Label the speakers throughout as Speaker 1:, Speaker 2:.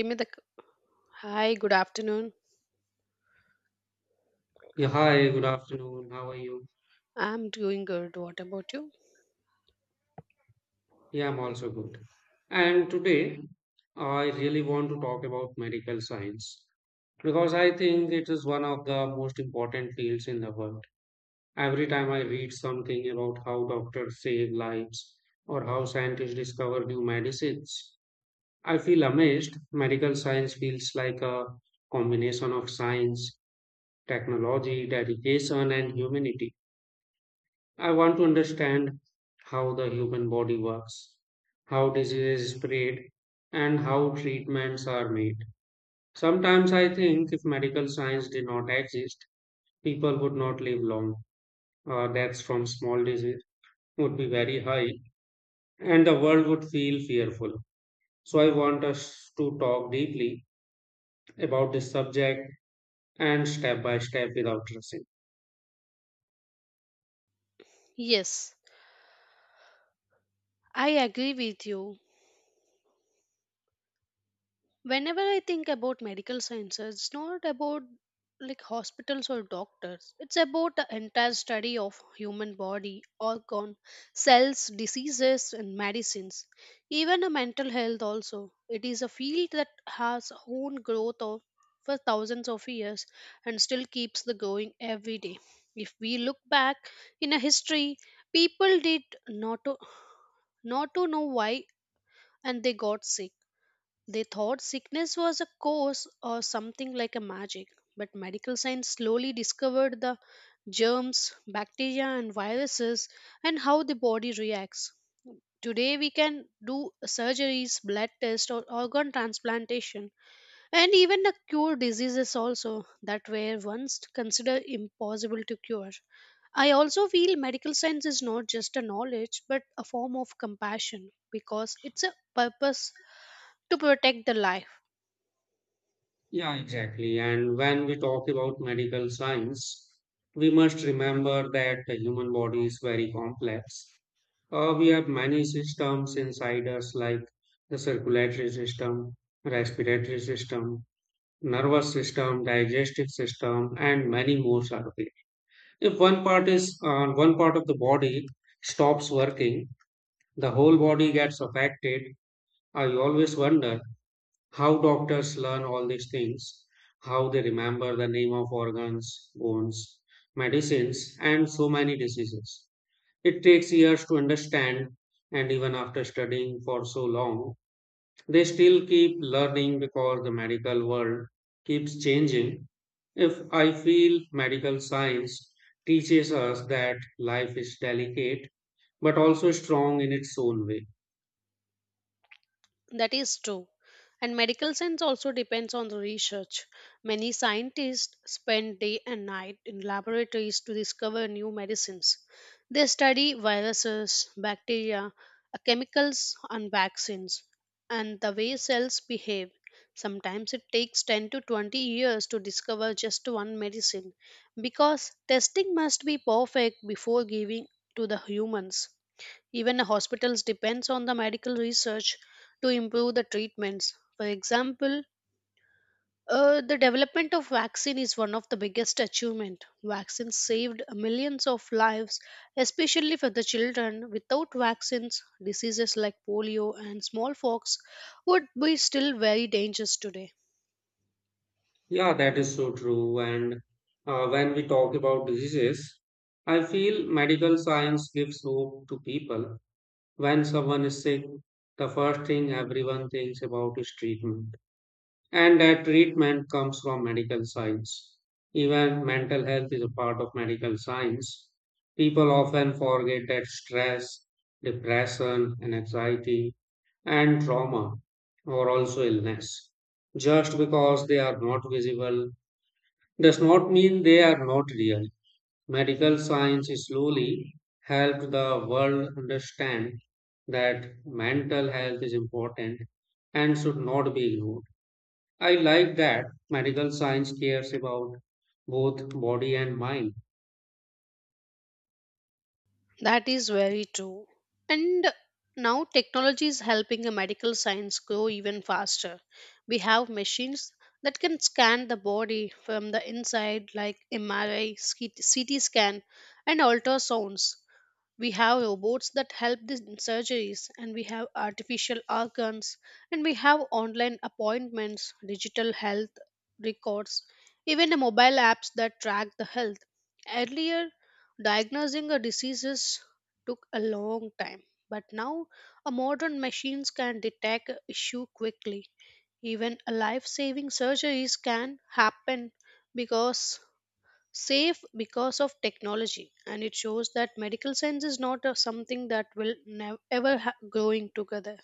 Speaker 1: Give me the c- Hi, good afternoon.
Speaker 2: Yeah, hi, good afternoon. How are you?
Speaker 1: I'm doing good. What about you?
Speaker 2: Yeah, I'm also good. And today, I really want to talk about medical science because I think it is one of the most important fields in the world. Every time I read something about how doctors save lives or how scientists discover new medicines, I feel amazed. Medical science feels like a combination of science, technology, dedication, and humanity. I want to understand how the human body works, how diseases spread, and how treatments are made. Sometimes I think if medical science did not exist, people would not live long. Deaths from small disease would be very high, and the world would feel fearful. So I want us to talk deeply about this subject and step by step without rushing.
Speaker 1: Yes, I agree with you. Whenever I think about medical sciences, it's not about like hospitals or doctors, it's about the entire study of human body, organ, cells, diseases, and medicines, even a mental health also. It is a field that has own growth of for thousands of years and still keeps the going every day. If we look back in a history, people did not to, not to know why and they got sick, they thought sickness was a cause or something like a magic, but medical science slowly discovered the germs, bacteria, and viruses and how the body reacts. Today, we can do surgeries, blood tests, or organ transplantation, and even a cure diseases also that were once considered impossible to cure. I also feel medical science is not just a knowledge but a form of compassion because it's a purpose to protect the life.
Speaker 2: Yeah, exactly. And when we talk about medical science, we must remember that the human body is very complex. We have many systems inside us, like the circulatory system, respiratory system, nervous system, digestive system, and many more subtly. If one part of the body stops working, the whole body gets affected. I always wonder how doctors learn all these things, how they remember the name of organs, bones, medicines, and so many diseases. It takes years to understand, and even after studying for so long, they still keep learning because the medical world keeps changing. If I feel medical science teaches us that life is delicate but also strong in its own way.
Speaker 1: That is true. And medical science also depends on the research. Many scientists spend day and night in laboratories to discover new medicines. They study viruses, bacteria, chemicals, and vaccines, and the way cells behave. Sometimes it takes 10 to 20 years to discover just one medicine because testing must be perfect before giving to the humans. Even hospitals depends on the medical research to improve the treatments. For example, the development of vaccine is one of the biggest achievement. Vaccines saved millions of lives, especially for the children. Without vaccines, diseases like polio and smallpox would be still very dangerous today.
Speaker 2: Yeah, that is so true. And when we talk about diseases, I feel medical science gives hope to people. When someone is sick, the first thing everyone thinks about is treatment. And that treatment comes from medical science. Even mental health is a part of medical science. People often forget that stress, depression, and anxiety and trauma are also illness. Just because they are not visible does not mean they are not real. Medical science slowly helped the world understand that mental health is important and should not be ignored. I like that medical science cares about both body and mind.
Speaker 1: That is very true. And now technology is helping the medical science grow even faster. We have machines that can scan the body from the inside, like MRI, CT scan, and ultrasounds. We have robots that help the surgeries, and we have artificial organs, and we have online appointments, digital health records, even the mobile apps that track the health. Earlier, diagnosing a diseases took a long time, but now a modern machines can detect a issue quickly. Even a life-saving surgeries can happen because safe because of technology, and it shows that medical science is not something that will never ever growing together.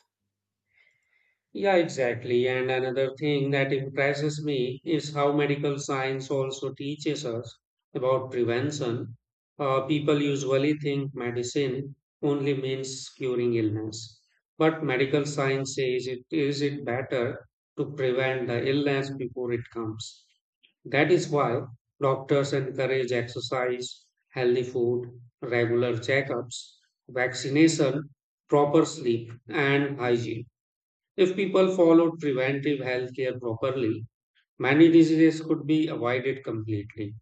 Speaker 2: Yeah, exactly. And another thing that impresses me is how medical science also teaches us about prevention. People usually think medicine only means curing illness, but medical science says it is it better to prevent the illness before it comes. That is why doctors encourage exercise, healthy food, regular checkups, vaccination, proper sleep, and hygiene. If people followed preventive healthcare properly, many diseases could be avoided completely.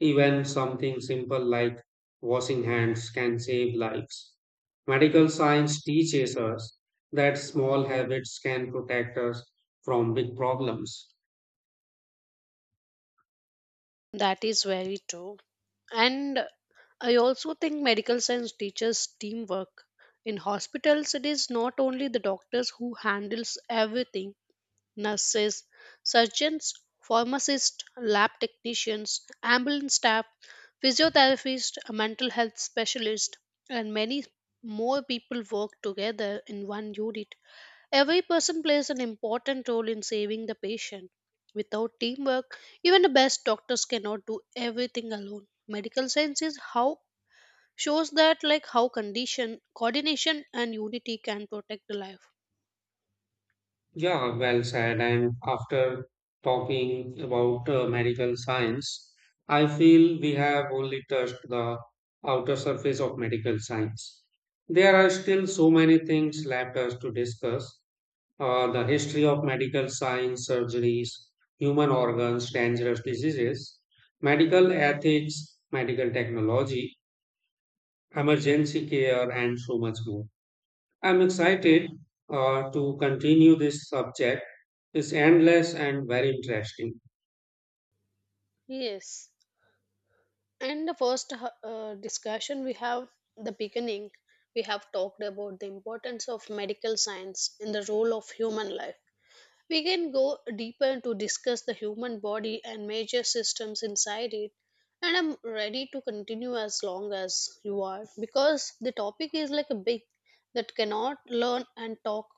Speaker 2: Even something simple like washing hands can save lives. Medical science teaches us that small habits can protect us from big problems.
Speaker 1: That is very true, and I also think medical science teaches teamwork. In hospitals, it is not only the doctors who handles everything, nurses, surgeons, pharmacists, lab technicians, ambulance staff, physiotherapists, mental health specialists, and many more people work together in one unit. Every person plays an important role in saving the patient. Without teamwork, even the best doctors cannot do everything alone. Medical science is how shows that like how condition coordination and unity can protect the life.
Speaker 2: Yeah, well said. And after talking about medical science, I feel we have only touched the outer surface of medical science. There are still so many things left us to discuss the history of medical science, surgeries, human organs, dangerous diseases, medical ethics, medical technology, emergency care, and so much more. I'm excited to continue this subject is endless and very interesting.
Speaker 1: Yes. And the first discussion we have, the beginning, we have talked about the importance of medical science in the role of human life. We can go deeper to discuss the human body and major systems inside it. And I'm ready to continue as long as you are because the topic is like a big that cannot learn and talk,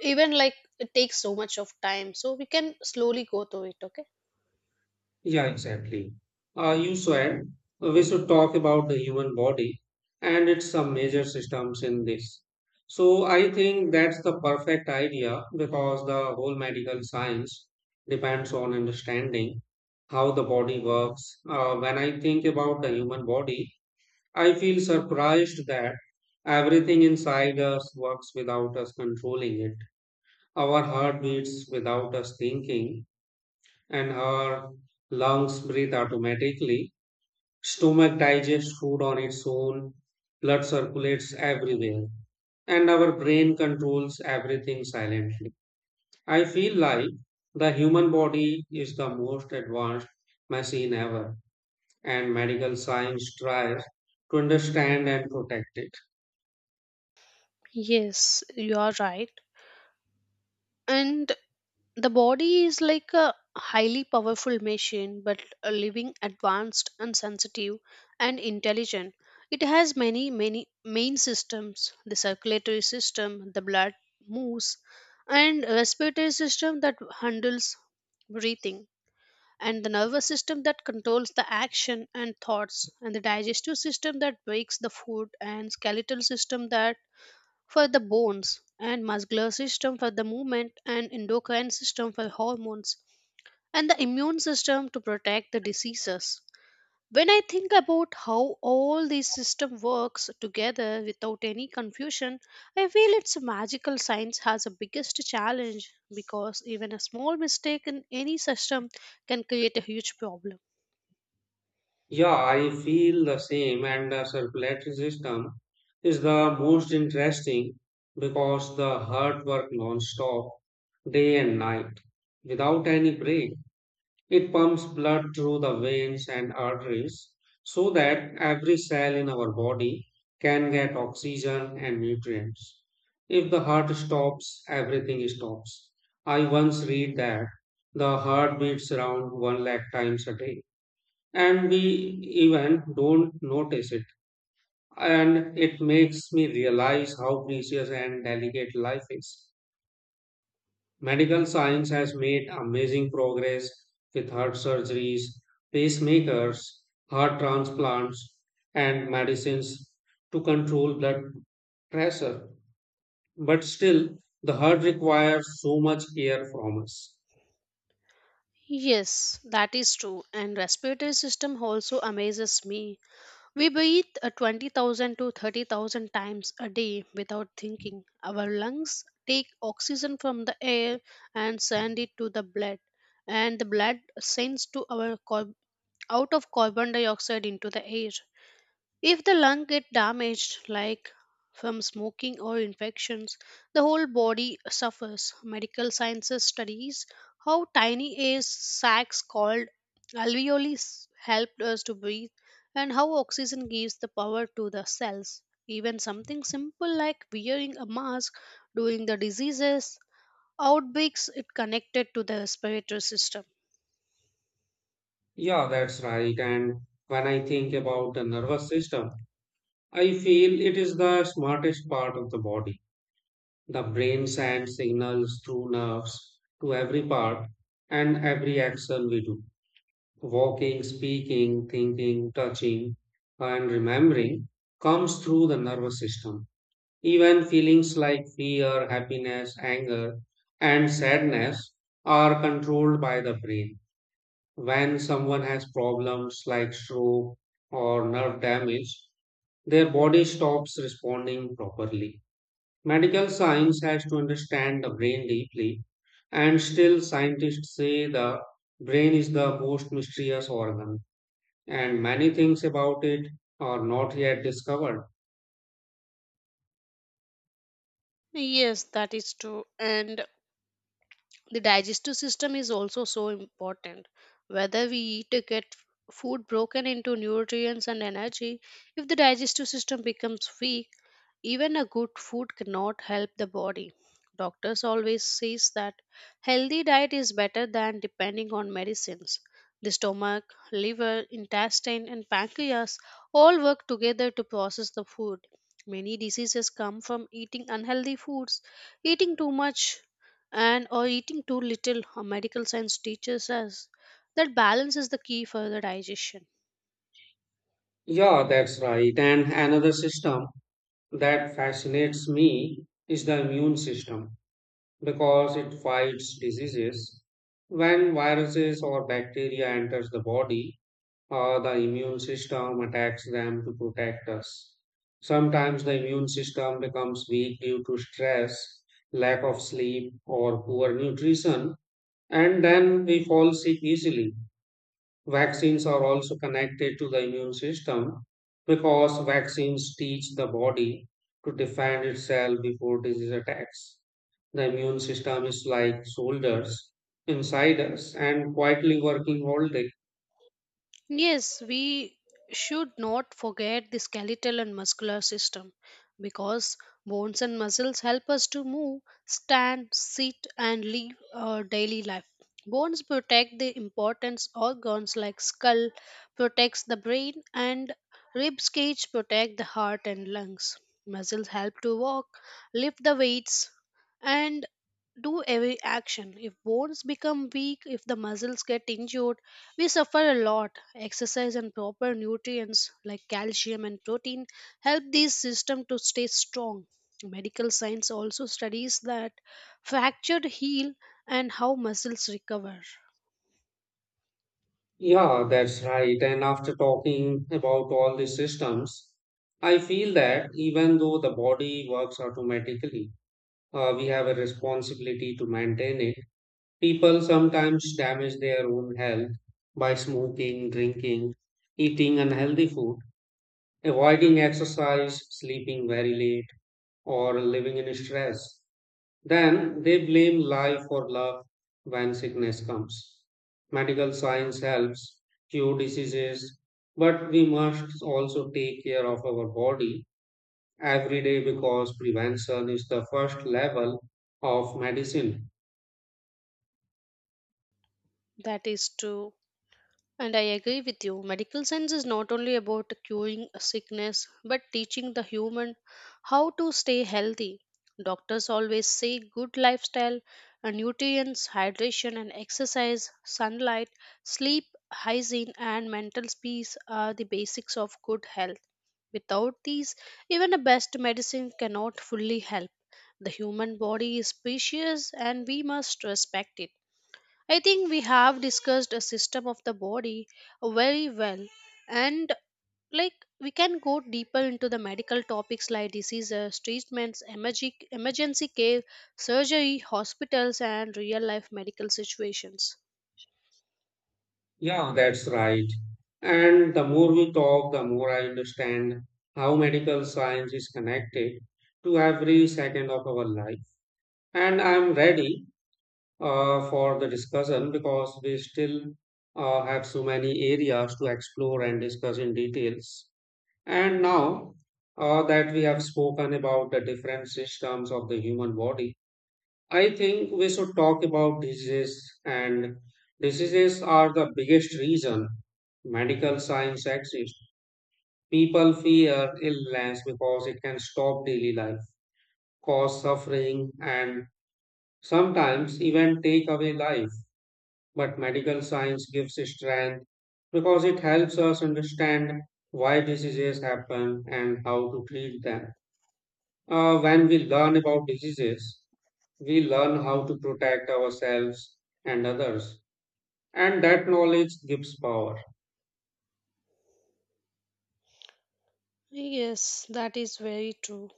Speaker 1: even like it takes so much of time. So we can slowly go through it, okay?
Speaker 2: Yeah, exactly. You said we should talk about the human body and its some major systems in this. So I think that's the perfect idea because the whole medical science depends on understanding how the body works. When I think about the human body, I feel surprised that everything inside us works without us controlling it. Our heart beats without us thinking and her lungs breathe automatically. Stomach digests food on its own, blood circulates everywhere, and our brain controls everything silently. I feel like the human body is the most advanced machine ever, and medical science tries to understand and protect it.
Speaker 1: Yes, you are right. And the body is like a highly powerful machine but a living, advanced, and sensitive and intelligent. It has many main systems, the circulatory system the blood moves, and respiratory system that handles breathing, and the nervous system that controls the action and thoughts, and the digestive system that breaks the food, and skeletal system that for the bones, and muscular system for the movement, and endocrine system for hormones, and the immune system to protect the diseases. When I think about how all these system works together without any confusion, I feel it's a magical science has a biggest challenge because even a small mistake in any system can create a huge problem.
Speaker 2: Yeah, I feel the same, and the circulatory system is the most interesting because the heart works non-stop, day and night, without any break. It pumps blood through the veins and arteries so that every cell in our body can get oxygen and nutrients. If the heart stops, everything stops. I once read that the heart beats around one lakh times a day and we even don't notice it. And it makes me realize how precious and delicate life is. Medical science has made amazing progress with heart surgeries, pacemakers, heart transplants, and medicines to control blood pressure. But still, the heart requires so much care from us.
Speaker 1: Yes, that is true. And respiratory system also amazes me. We breathe 20,000 to 30,000 times a day without thinking. Our lungs take oxygen from the air and send it to the blood, and the blood sends to our out of carbon dioxide into the air. If the lung get damaged, like from smoking or infections, the whole body suffers. Medical sciences studies how tiny air sacs called alveoli help us to breathe and how oxygen gives the power to the cells. Even something simple like wearing a mask during the diseases outbreaks it connected to the respiratory system.
Speaker 2: Yeah, that's right. And when I think about the nervous system, I feel it is the smartest part of the body. The brain sends signals through nerves to every part and every action we do. Walking, speaking, thinking, touching, and remembering comes through the nervous system. Even feelings like fear, happiness, anger, and sadness are controlled by the brain. When someone has problems like stroke or nerve damage, their body stops responding properly. Medical science has to understand the brain deeply, and still, scientists say the brain is the most mysterious organ, and many things about it are not yet discovered.
Speaker 1: Yes, that is true. And the digestive system is also so important. Whether we eat to get food broken into nutrients and energy, if the digestive system becomes weak, even a good food cannot help the body. Doctors always says that healthy diet is better than depending on medicines. The stomach, liver, intestine, and pancreas all work together to process the food. Many diseases come from eating unhealthy foods, eating too much and or eating too little. Our medical science teaches us that balance is the key for the digestion.
Speaker 2: Yeah, that's right. And another system that fascinates me is the immune system because it fights diseases. When viruses or bacteria enters the body, the immune system attacks them to protect us. Sometimes the immune system becomes weak due to stress, lack of sleep, or poor nutrition, and then we fall sick easily. Vaccines are also connected to the immune system because vaccines teach the body to defend itself before disease attacks. The immune system is like soldiers inside us and quietly working all day.
Speaker 1: Yes, we should not forget the skeletal and muscular system because bones and muscles help us to move, stand, sit, and live our daily life. Bones protect the important organs, like skull protects the brain and ribs cage protect the heart and lungs. Muscles help to walk, lift the weights, and do every action. If bones become weak, if the muscles get injured, we suffer a lot. Exercise and proper nutrients like calcium and protein help these systems to stay strong. Medical science also studies that fractured heal and how muscles recover.
Speaker 2: Yeah, that's right. And after talking about all the systems, I feel that even though the body works automatically, we have a responsibility to maintain it. People sometimes damage their own health by smoking, drinking, eating unhealthy food, avoiding exercise, sleeping very late, or living in stress. Then they blame life or love when sickness comes. Medical science helps cure diseases, but we must also take care of our body every day because prevention is the first level of medicine.
Speaker 1: That is true. And I agree with you. Medical science is not only about curing a sickness, but teaching the human how to stay healthy. Doctors always say good lifestyle, nutrients, hydration, and exercise, sunlight, sleep, hygiene, and mental peace are the basics of good health. Without these, even the best medicine cannot fully help. The human body is precious, and we must respect it. I think we have discussed a system of the body very well, and like we can go deeper into the medical topics like diseases, treatments, emergency care, surgery, hospitals, and real life medical situations.
Speaker 2: Yeah, that's right. And the more we talk, the more I understand how medical science is connected to every second of our life. And I'm ready for the discussion because we still have so many areas to explore and discuss in details. And now that we have spoken about the different systems of the human body, I think we should talk about diseases. And diseases are the biggest reason medical science exists. People fear illness because it can stop daily life, cause suffering, and sometimes even take away life. But medical science gives strength because it helps us understand why diseases happen and how to treat them. When we learn about diseases, we learn how to protect ourselves and others, and that knowledge gives power.
Speaker 1: Yes, that is very true.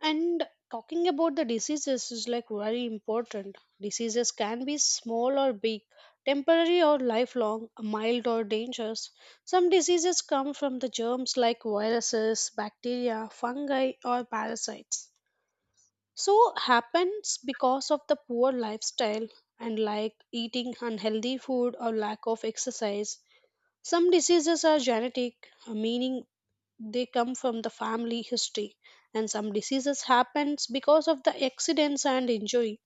Speaker 1: And talking about the diseases is like very important. Diseases can be small or big, temporary or lifelong, mild or dangerous. Some diseases come from the germs like viruses, bacteria, fungi, or parasites. So happens because of the poor lifestyle and like eating unhealthy food or lack of exercise. Some diseases are genetic, meaning they come from the family history, and some diseases happens because of the accidents and injury.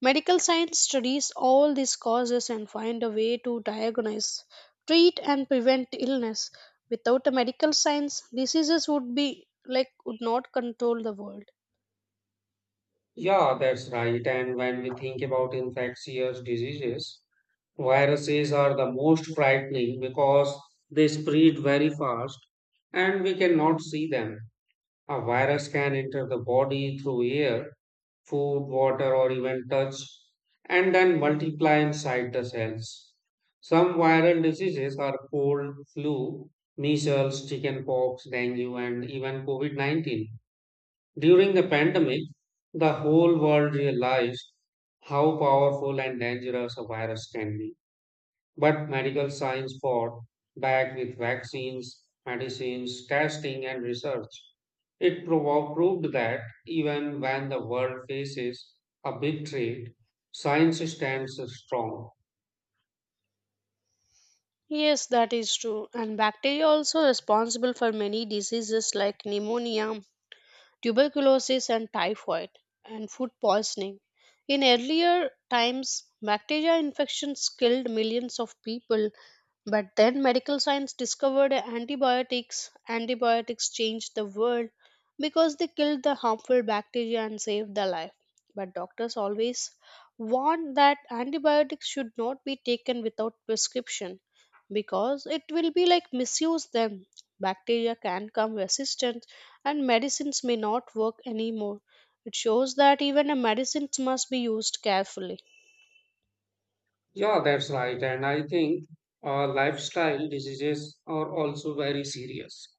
Speaker 1: Medical science studies all these causes and find a way to diagnose, treat, and prevent illness. Without a medical science, diseases would be like would not control the world.
Speaker 2: Yeah, that's right. And when we think about infectious diseases, viruses are the most frightening because they spread very fast and we cannot see them. A virus can enter the body through air, food, water, or even touch, and then multiply inside the cells. Some viral diseases are cold, flu, measles, chickenpox, dengue, and even COVID-19. During the pandemic, the whole world realized how powerful and dangerous a virus can be. But medical science fought back with vaccines, medicines, testing, and research. It proved that even when the world faces a big threat, science stands strong.
Speaker 1: Yes, that is true. And bacteria also responsible for many diseases like pneumonia, tuberculosis, and typhoid, and food poisoning. In earlier times, bacteria infections killed millions of people, but then medical science discovered antibiotics. Antibiotics changed the world because they killed the harmful bacteria and saved the life. But doctors always warned that antibiotics should not be taken without prescription because it will be like misuse them. Bacteria can come resistant and medicines may not work anymore. It shows that even a medicines must be used carefully.
Speaker 2: Yeah, that's right. And I think lifestyle diseases are also very serious.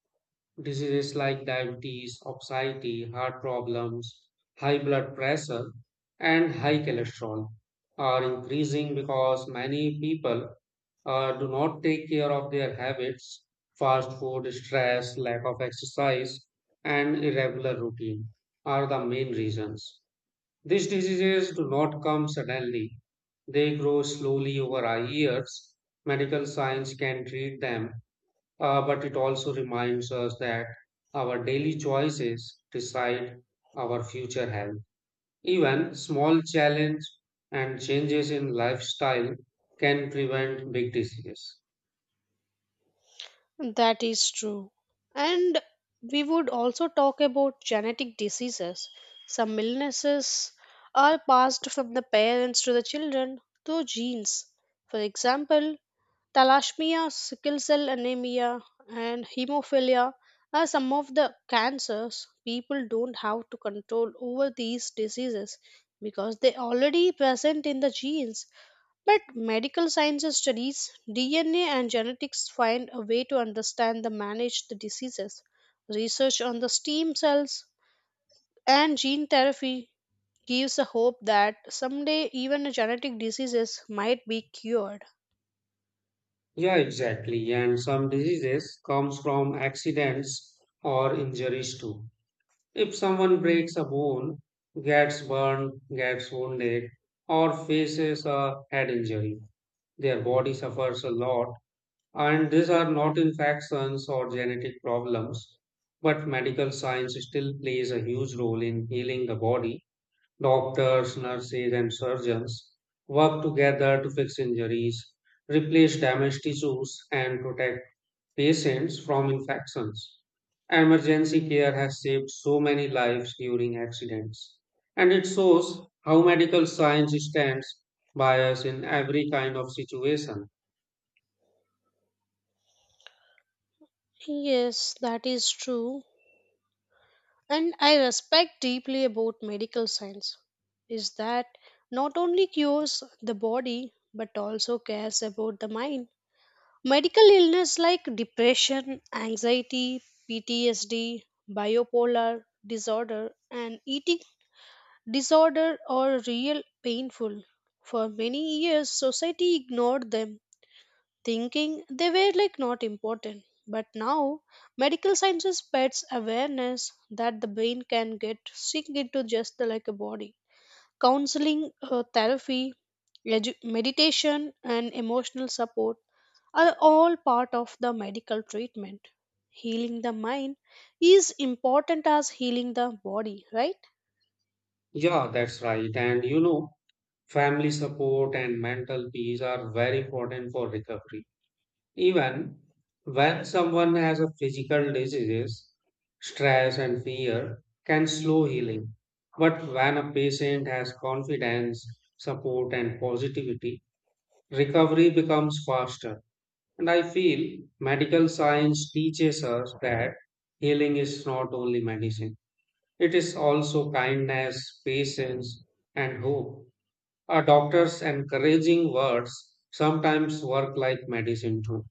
Speaker 2: Diseases like diabetes, obesity, heart problems, high blood pressure, and high cholesterol are increasing because many people do not take care of their habits, fast food, stress, lack of exercise, and irregular routine are the main reasons. These diseases do not come suddenly, they grow slowly over our years. Medical science can treat them, but it also reminds us that our daily choices decide our future health. Even small challenge and changes in lifestyle can prevent big diseases.
Speaker 1: That is true. And we would also talk about genetic diseases. Some illnesses are passed from the parents to the children through genes. For example, Thalassemia, sickle cell anemia, and hemophilia are some of the cancers people don't have to control over these diseases because they already present in the genes. But medical sciences studies DNA and genetics find a way to understand the manage the diseases. Research on the stem cells and gene therapy gives a hope that someday even genetic diseases might be cured.
Speaker 2: Yeah, exactly. And some diseases comes from accidents or injuries too. If someone breaks a bone, gets burned, gets wounded, or faces a head injury, their body suffers a lot. And these are not infections or genetic problems, but medical science still plays a huge role in healing the body. Doctors, nurses, and surgeons work together to fix injuries, replace damaged tissues, and protect patients from infections. Emergency care has saved so many lives during accidents, and it shows how medical science stands by us in every kind of situation.
Speaker 1: Yes, that is true. And I respect deeply about medical science is that not only cures the body but also cares about the mind. Medical illness like depression, anxiety, PTSD, bipolar disorder, and eating disorder are real painful. For many years, society ignored them thinking they were like not important. But now, medical sciences spreads awareness that the brain can get sink into just the, like a body. Counseling, therapy, meditation, and emotional support are all part of the medical treatment. Healing the mind is important as healing the body, right?
Speaker 2: Yeah, that's right. And you know, family support and mental peace are very important for recovery. Even when someone has a physical disease, stress and fear can slow healing. But when a patient has confidence, support, and positivity, recovery becomes faster. And I feel medical science teaches us that healing is not only medicine, it is also kindness, patience, and hope. A doctor's encouraging words sometimes work like medicine too.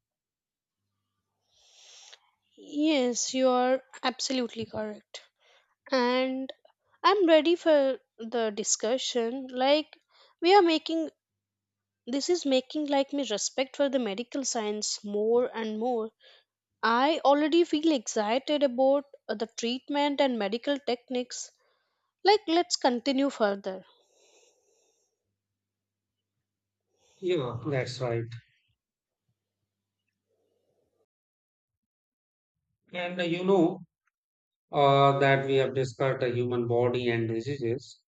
Speaker 1: Yes, you are absolutely correct. And I'm ready for the discussion. Like we are making this is making like me respect for the medical science more and more. I already feel excited about the treatment and medical techniques. Like let's continue further.
Speaker 2: Yeah, that's right. And that we have discussed the human body and diseases.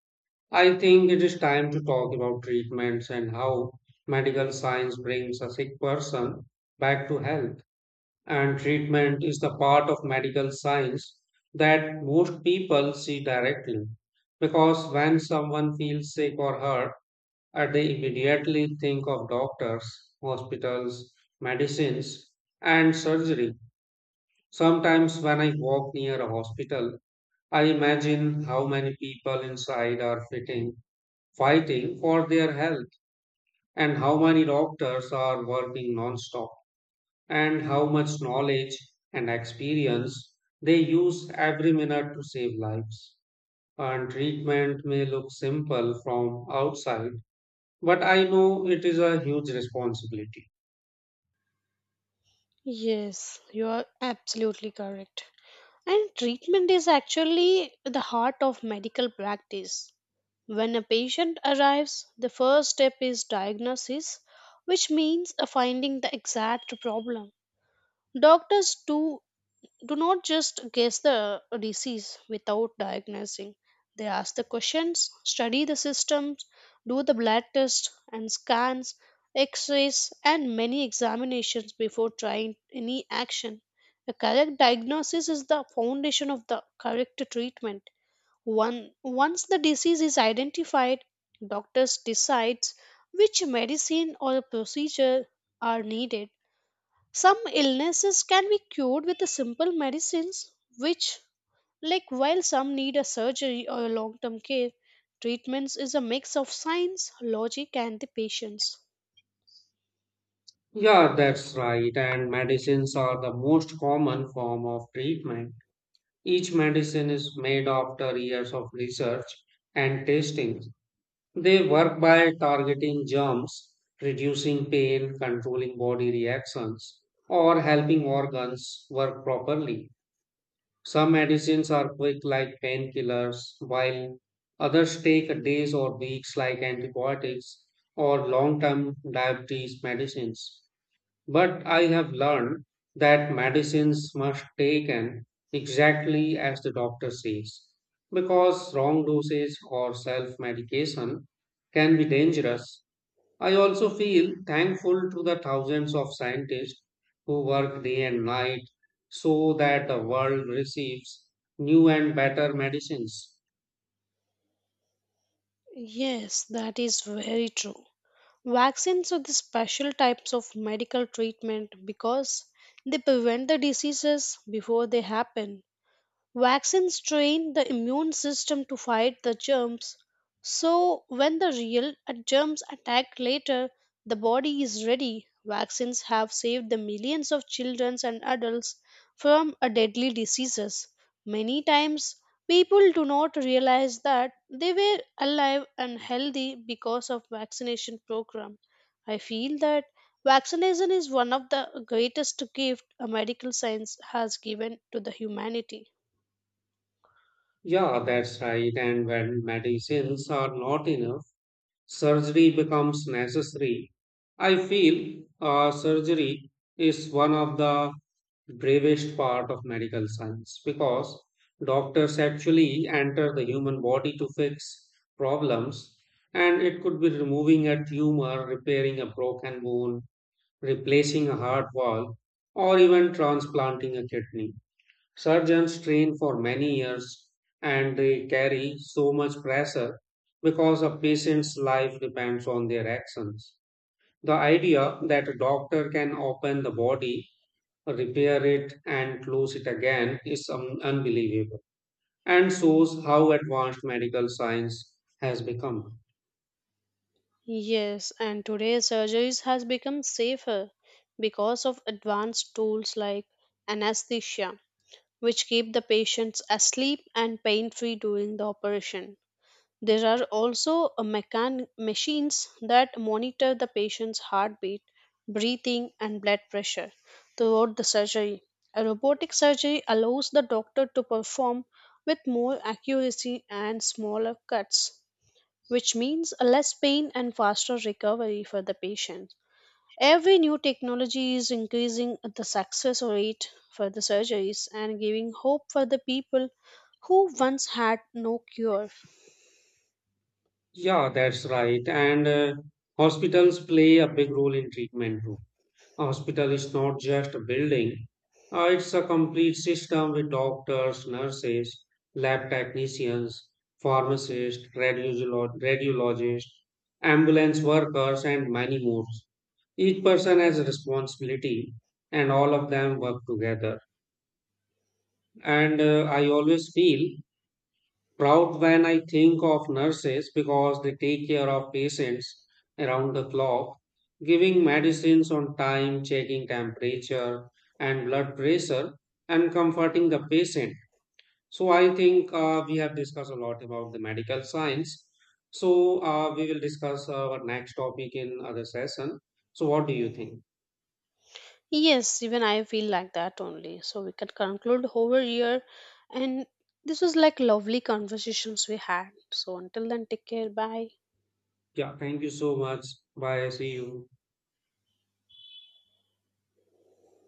Speaker 2: I think it is time to talk about treatments and how medical science brings a sick person back to health. And treatment is the part of medical science that most people see directly. Because when someone feels sick or hurt, they immediately think of doctors, hospitals, medicines, and surgery. Sometimes when I walk near a hospital, I imagine how many people inside fighting for their health, and how many doctors are working non-stop, and how much knowledge and experience they use every minute to save lives. And treatment may look simple from outside, but I know it is a huge responsibility.
Speaker 1: Yes, you are absolutely correct. And treatment is actually the heart of medical practice. When a patient arrives, the first step is diagnosis, which means finding the exact problem. Doctors do not just guess the disease without diagnosing. They ask the questions, study the systems, do the blood tests and scans, x rays, and many examinations before trying any action. A correct diagnosis is the foundation of the correct treatment. Once the disease is identified, doctors decides which medicine or procedure are needed. Some illnesses can be cured with the simple medicines, which, like while some need a surgery or a long-term care, treatments is a mix of science, logic, and the patience.
Speaker 2: Yeah, that's right. And medicines are the most common form of treatment. Each medicine is made after years of research and testing. They work by targeting germs, reducing pain, controlling body reactions, or helping organs work properly. Some medicines are quick, like painkillers, while others take days or weeks, like antibiotics or long term diabetes medicines. But I have learned that medicines must taken exactly as the doctor says, because wrong dosage or self medication can be dangerous. I also feel thankful to the thousands of scientists who work day and night so that the world receives new and better medicines.
Speaker 1: Yes, that is very true. Vaccines are the special types of medical treatment because they prevent the diseases before they happen. Vaccines train the immune system to fight the germs. So, when the real germs attack later, the body is ready. Vaccines have saved the millions of children and adults from a deadly diseases. Many times, people do not realize that they were alive and healthy because of vaccination program. I feel that vaccination is one of the greatest gift a medical science has given to the humanity.
Speaker 2: Yeah, that's right. And when medicines are not enough, surgery becomes necessary. I feel surgery is one of the bravest part of medical science because doctors actually enter the human body to fix problems and it could be removing a tumor, repairing a broken bone, replacing a heart valve or even transplanting a kidney. Surgeons train for many years and they carry so much pressure because a patient's life depends on their actions. The idea that a doctor can open the body, repair it, and close it again is unbelievable and shows how advanced medical science has become.
Speaker 1: Yes, and today surgeries has become safer because of advanced tools like anesthesia, which keep the patients asleep and pain-free during the operation. There are also machines that monitor the patient's heartbeat, breathing, and blood pressure throughout the surgery. A robotic surgery allows the doctor to perform with more accuracy and smaller cuts, which means a less pain and faster recovery for the patient. Every new technology is increasing the success rate for the surgeries and giving hope for the people who once had no cure.
Speaker 2: Yeah, that's right. And hospitals play a big role in treatment too. A hospital is not just a building, it's a complete system with doctors, nurses, lab technicians, pharmacists, radiologists, ambulance workers, and many more. Each person has a responsibility, and all of them work together. And I always feel proud when I think of nurses because they take care of patients around the clock, giving medicines on time, checking temperature and blood pressure, and comforting the patient. So, I think we have discussed a lot about the medical science. So, we will discuss our next topic in other session. So, what do you think?
Speaker 1: Yes, even I feel like that only. So we can conclude over here, and this was like lovely conversations we had. So until then, take care, bye.
Speaker 2: Yeah, thank you so much. Bye. See you.